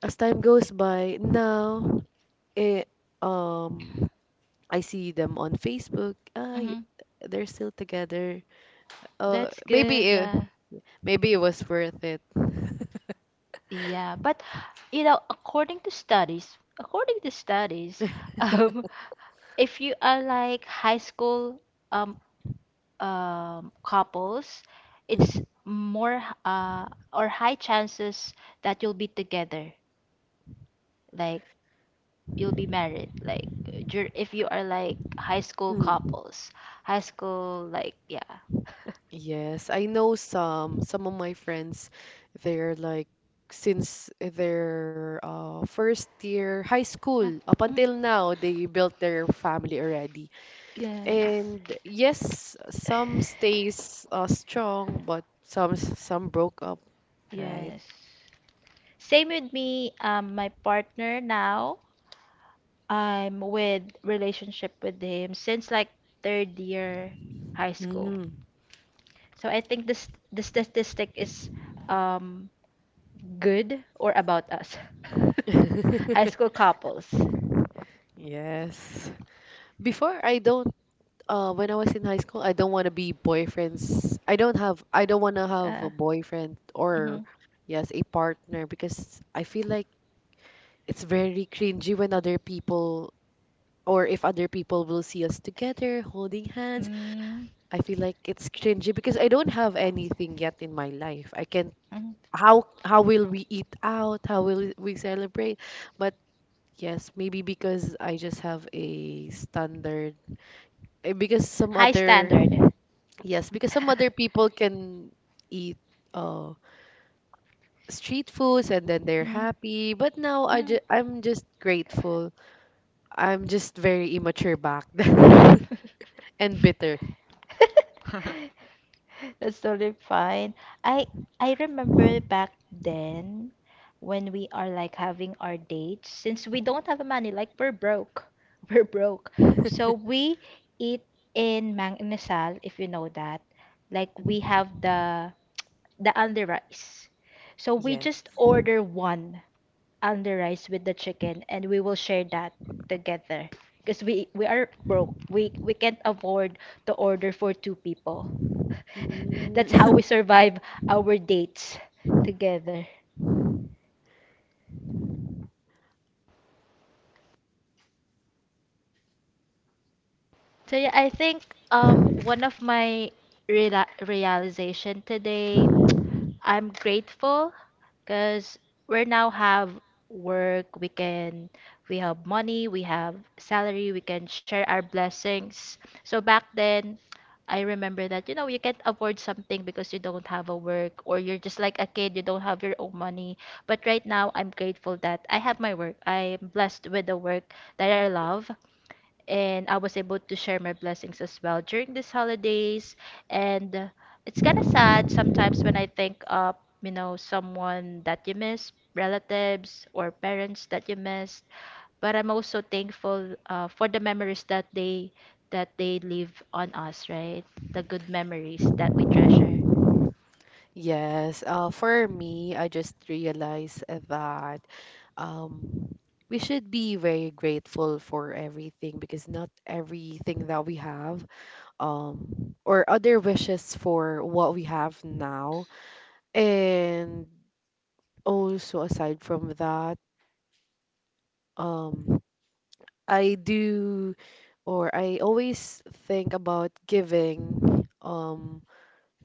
B: as time goes by, now it um I see them on Facebook. Ah, y-
A: hmm.
B: they're still together. Uh,
A: That's
B: maybe
A: good,
B: it
A: yeah.
B: maybe it was worth it.
A: Yeah, but you know, according to studies, according to studies, um, if you are like high school um, um, couples, it's more h- uh, or high chances that you'll be together, like you'll be married, like dur if you are like high school
B: Mm, mm.
A: couples, high school like yeah.
B: Yes, I know some some of my friends, they're like since their uh, first year high
A: Uh,
B: school up
A: mm,
B: until now they built their family already.
A: yes.
B: And yes, some stays uh, strong, but some some broke up, right?
A: yes, same with me. um, my partner now, I'm with relationship with him since like third year high school.
B: Mm.
A: So I think this the statistic is um good or about us. High school couples.
B: Yes. Before I don't Uh, when I was in high school, I don't want to be boyfriends. I don't have, I don't want to have
A: Uh,
B: a boyfriend
A: mhm.
B: or, yes, a partner because I feel like it's very cringy when other people or if other people will see us together holding hands.
A: Mm.
B: I feel like it's cringy because I don't have anything yet in my life. I can,
A: Mhm.
B: how, how will we eat out? How will we celebrate? But yes, maybe because I just have a standard, eh, because some
A: High
B: other
A: standard.
B: Yes, because some other people can eat uh street foods and then they're
A: Mm,
B: happy. But now I
A: mm.
B: ju I'm just grateful. I'm just very immature back then and bitter.
A: That's totally fine. I I remember back then when we are like having our dates, since we don't have money, like we're broke, we're broke, so we eat in Mang Inasal, if you know that, like we have the the under rice, so we
B: Yes.
A: just order one under rice with the chicken and we will share that together because we we are broke, we we can't afford to order for two people. that's how
B: Mm,
A: we survive our dates together. So yeah, I think um one of my reala realization today, I'm grateful because we now have work, we can we have money, we have salary, we can share our blessings. So back then, I remember that you know you can't afford something because you don't have a work or you're just like a kid, you don't have your own money. But right now, I'm grateful that I have my work. I'm blessed with the work that I love and I was able to share my blessings as well during these holidays. And uh, it's kind of sad sometimes when I think of, you know, someone that you miss, relatives or parents that you missed. But I'm also thankful uh, for the memories that they that they leave on us, right? The good memories that we treasure.
B: yes. Uh, for me, I just realized uh, that um we should be very grateful for everything because not everything that we have um or other wishes for what we have now. And also aside from that, um, I do or I always think about giving um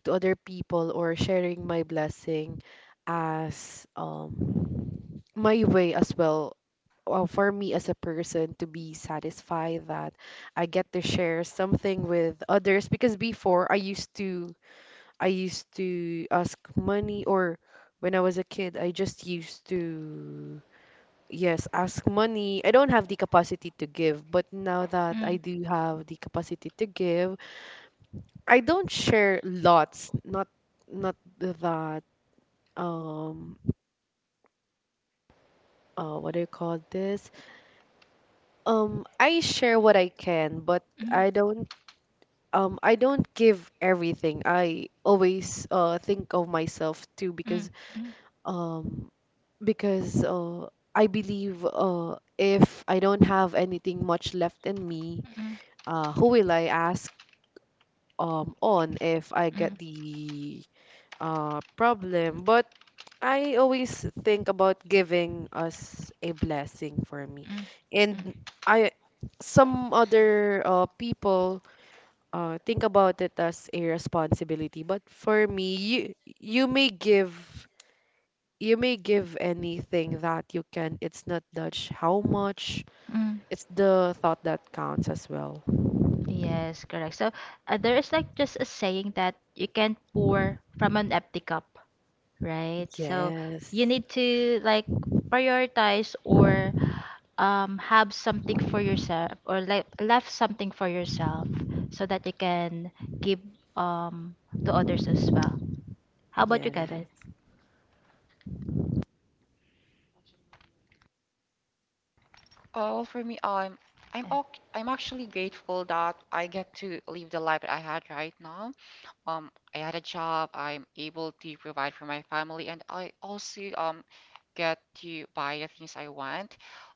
B: to other people or sharing my blessing as um my way as well uh, for me as a person to be satisfied that I get to share something with others because before I used to I used to ask money or when I was a kid I just used to Yes, ask money. I don't have the capacity to give, but now that
A: Mm,
B: I do have the capacity to give, I don't share lots. Not not that um uh what do you call this? Um I share what I can, but
A: mm,
B: I don't um I don't give everything. I always uh think of myself too
A: mm,
B: because
A: mm,
B: um because uh I believe uh if I don't have anything much left in me
A: mm,
B: uh, who will I ask? um on if I get
A: mm,
B: the uh problem. But I always think about giving us a blessing for me.
A: mm, mm,
B: And I some other uh people uh think about it as a responsibility, but for me, you you may give you may give anything that you can. It's not Dutch how much.
A: mm.
B: It's the thought that counts as well.
A: Yes, correct. So uh, there is like just a saying that you can't pour from an empty cup, right? So you
B: Yes.
A: need to like prioritize or um, have something for yourself or like left something for yourself so that you can give um, to others as well. How about you, Kevin?
B: Yes.
C: Oh, well, for me, um, I'm okay. I'm actually grateful that I get to live the life that I had right now. Um, I had a job. I'm able to provide for my family, and I also um get to buy the things I want.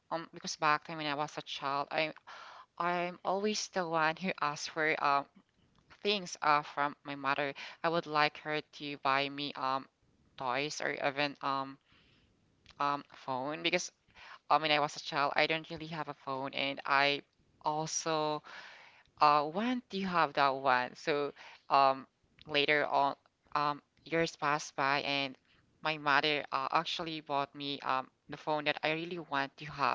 C: Um, because back then when I was a child, I I'm always the one who asks for um things uh from my mother. I would like her to buy me um toys or even um um phone because um when I was a child, I don't really have a phone, and I also uh, when do you have that one? So, um, later on, um, years passed by, and my mother uh, actually bought me um the phone that I really want to have.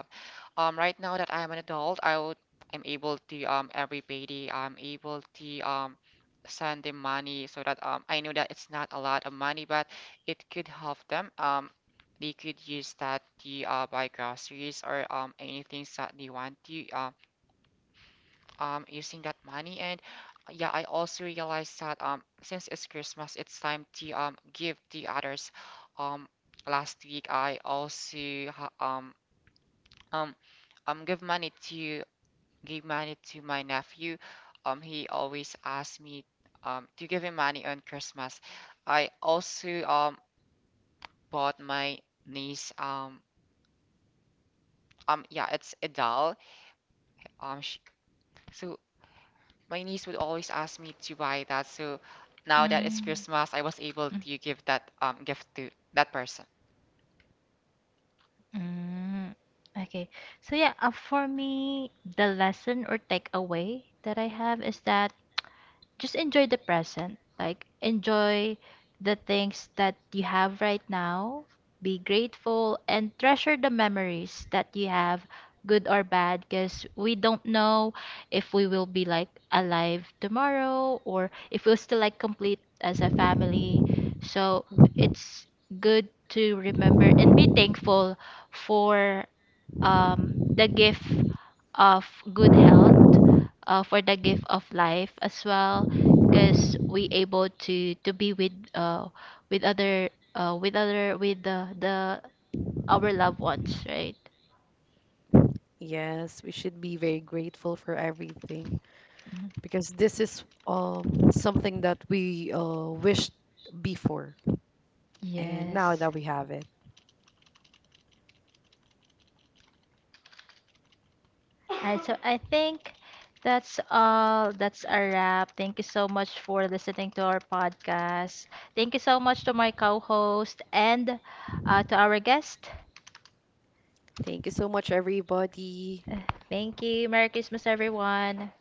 C: Um, right now that I am an adult, I would I'm able to um every payday I'm able to um send them money so that um I know that it's not a lot of money, but it could help them um. They could use that to uh, buy groceries or um anything that they want to. Um, um using that money and uh, yeah I also realized that um since it's Christmas it's time to um give the others um last week I also ha- um um um give money to give money to my nephew um he always asks me um to give him money on Christmas I also um bought my niece um um yeah it's a doll um sh so my niece would always ask me to buy that. So now that it's
A: Mm.
C: Christmas, I was able
A: Mm.
C: to give that um gift to that person.
A: Mm, okay. So yeah, uh, for me, the lesson or takeaway that I have is that just enjoy the present. Like, enjoy the things that you have right now. Be grateful and treasure the memories that you have, good or bad, because we don't know if we will be like alive tomorrow or if we'll still like complete as a family. So it's good to remember and be thankful for um, the gift of good health uh, for the gift of life as well because we able to to be with uh with other uh with other with the the our loved ones, right?
B: Yes, we should be very grateful for everything
A: Mhm.
B: because this is um something that we uh wished before and now
A: Yes.
B: that we have it.
A: Alright, so I think that's all. That's a wrap. Thank you so much for listening to our podcast. Thank you so much to my co-host and uh, to our guest.
B: Thank you so much, everybody.
A: Uh, Thank you. Merry Christmas, everyone.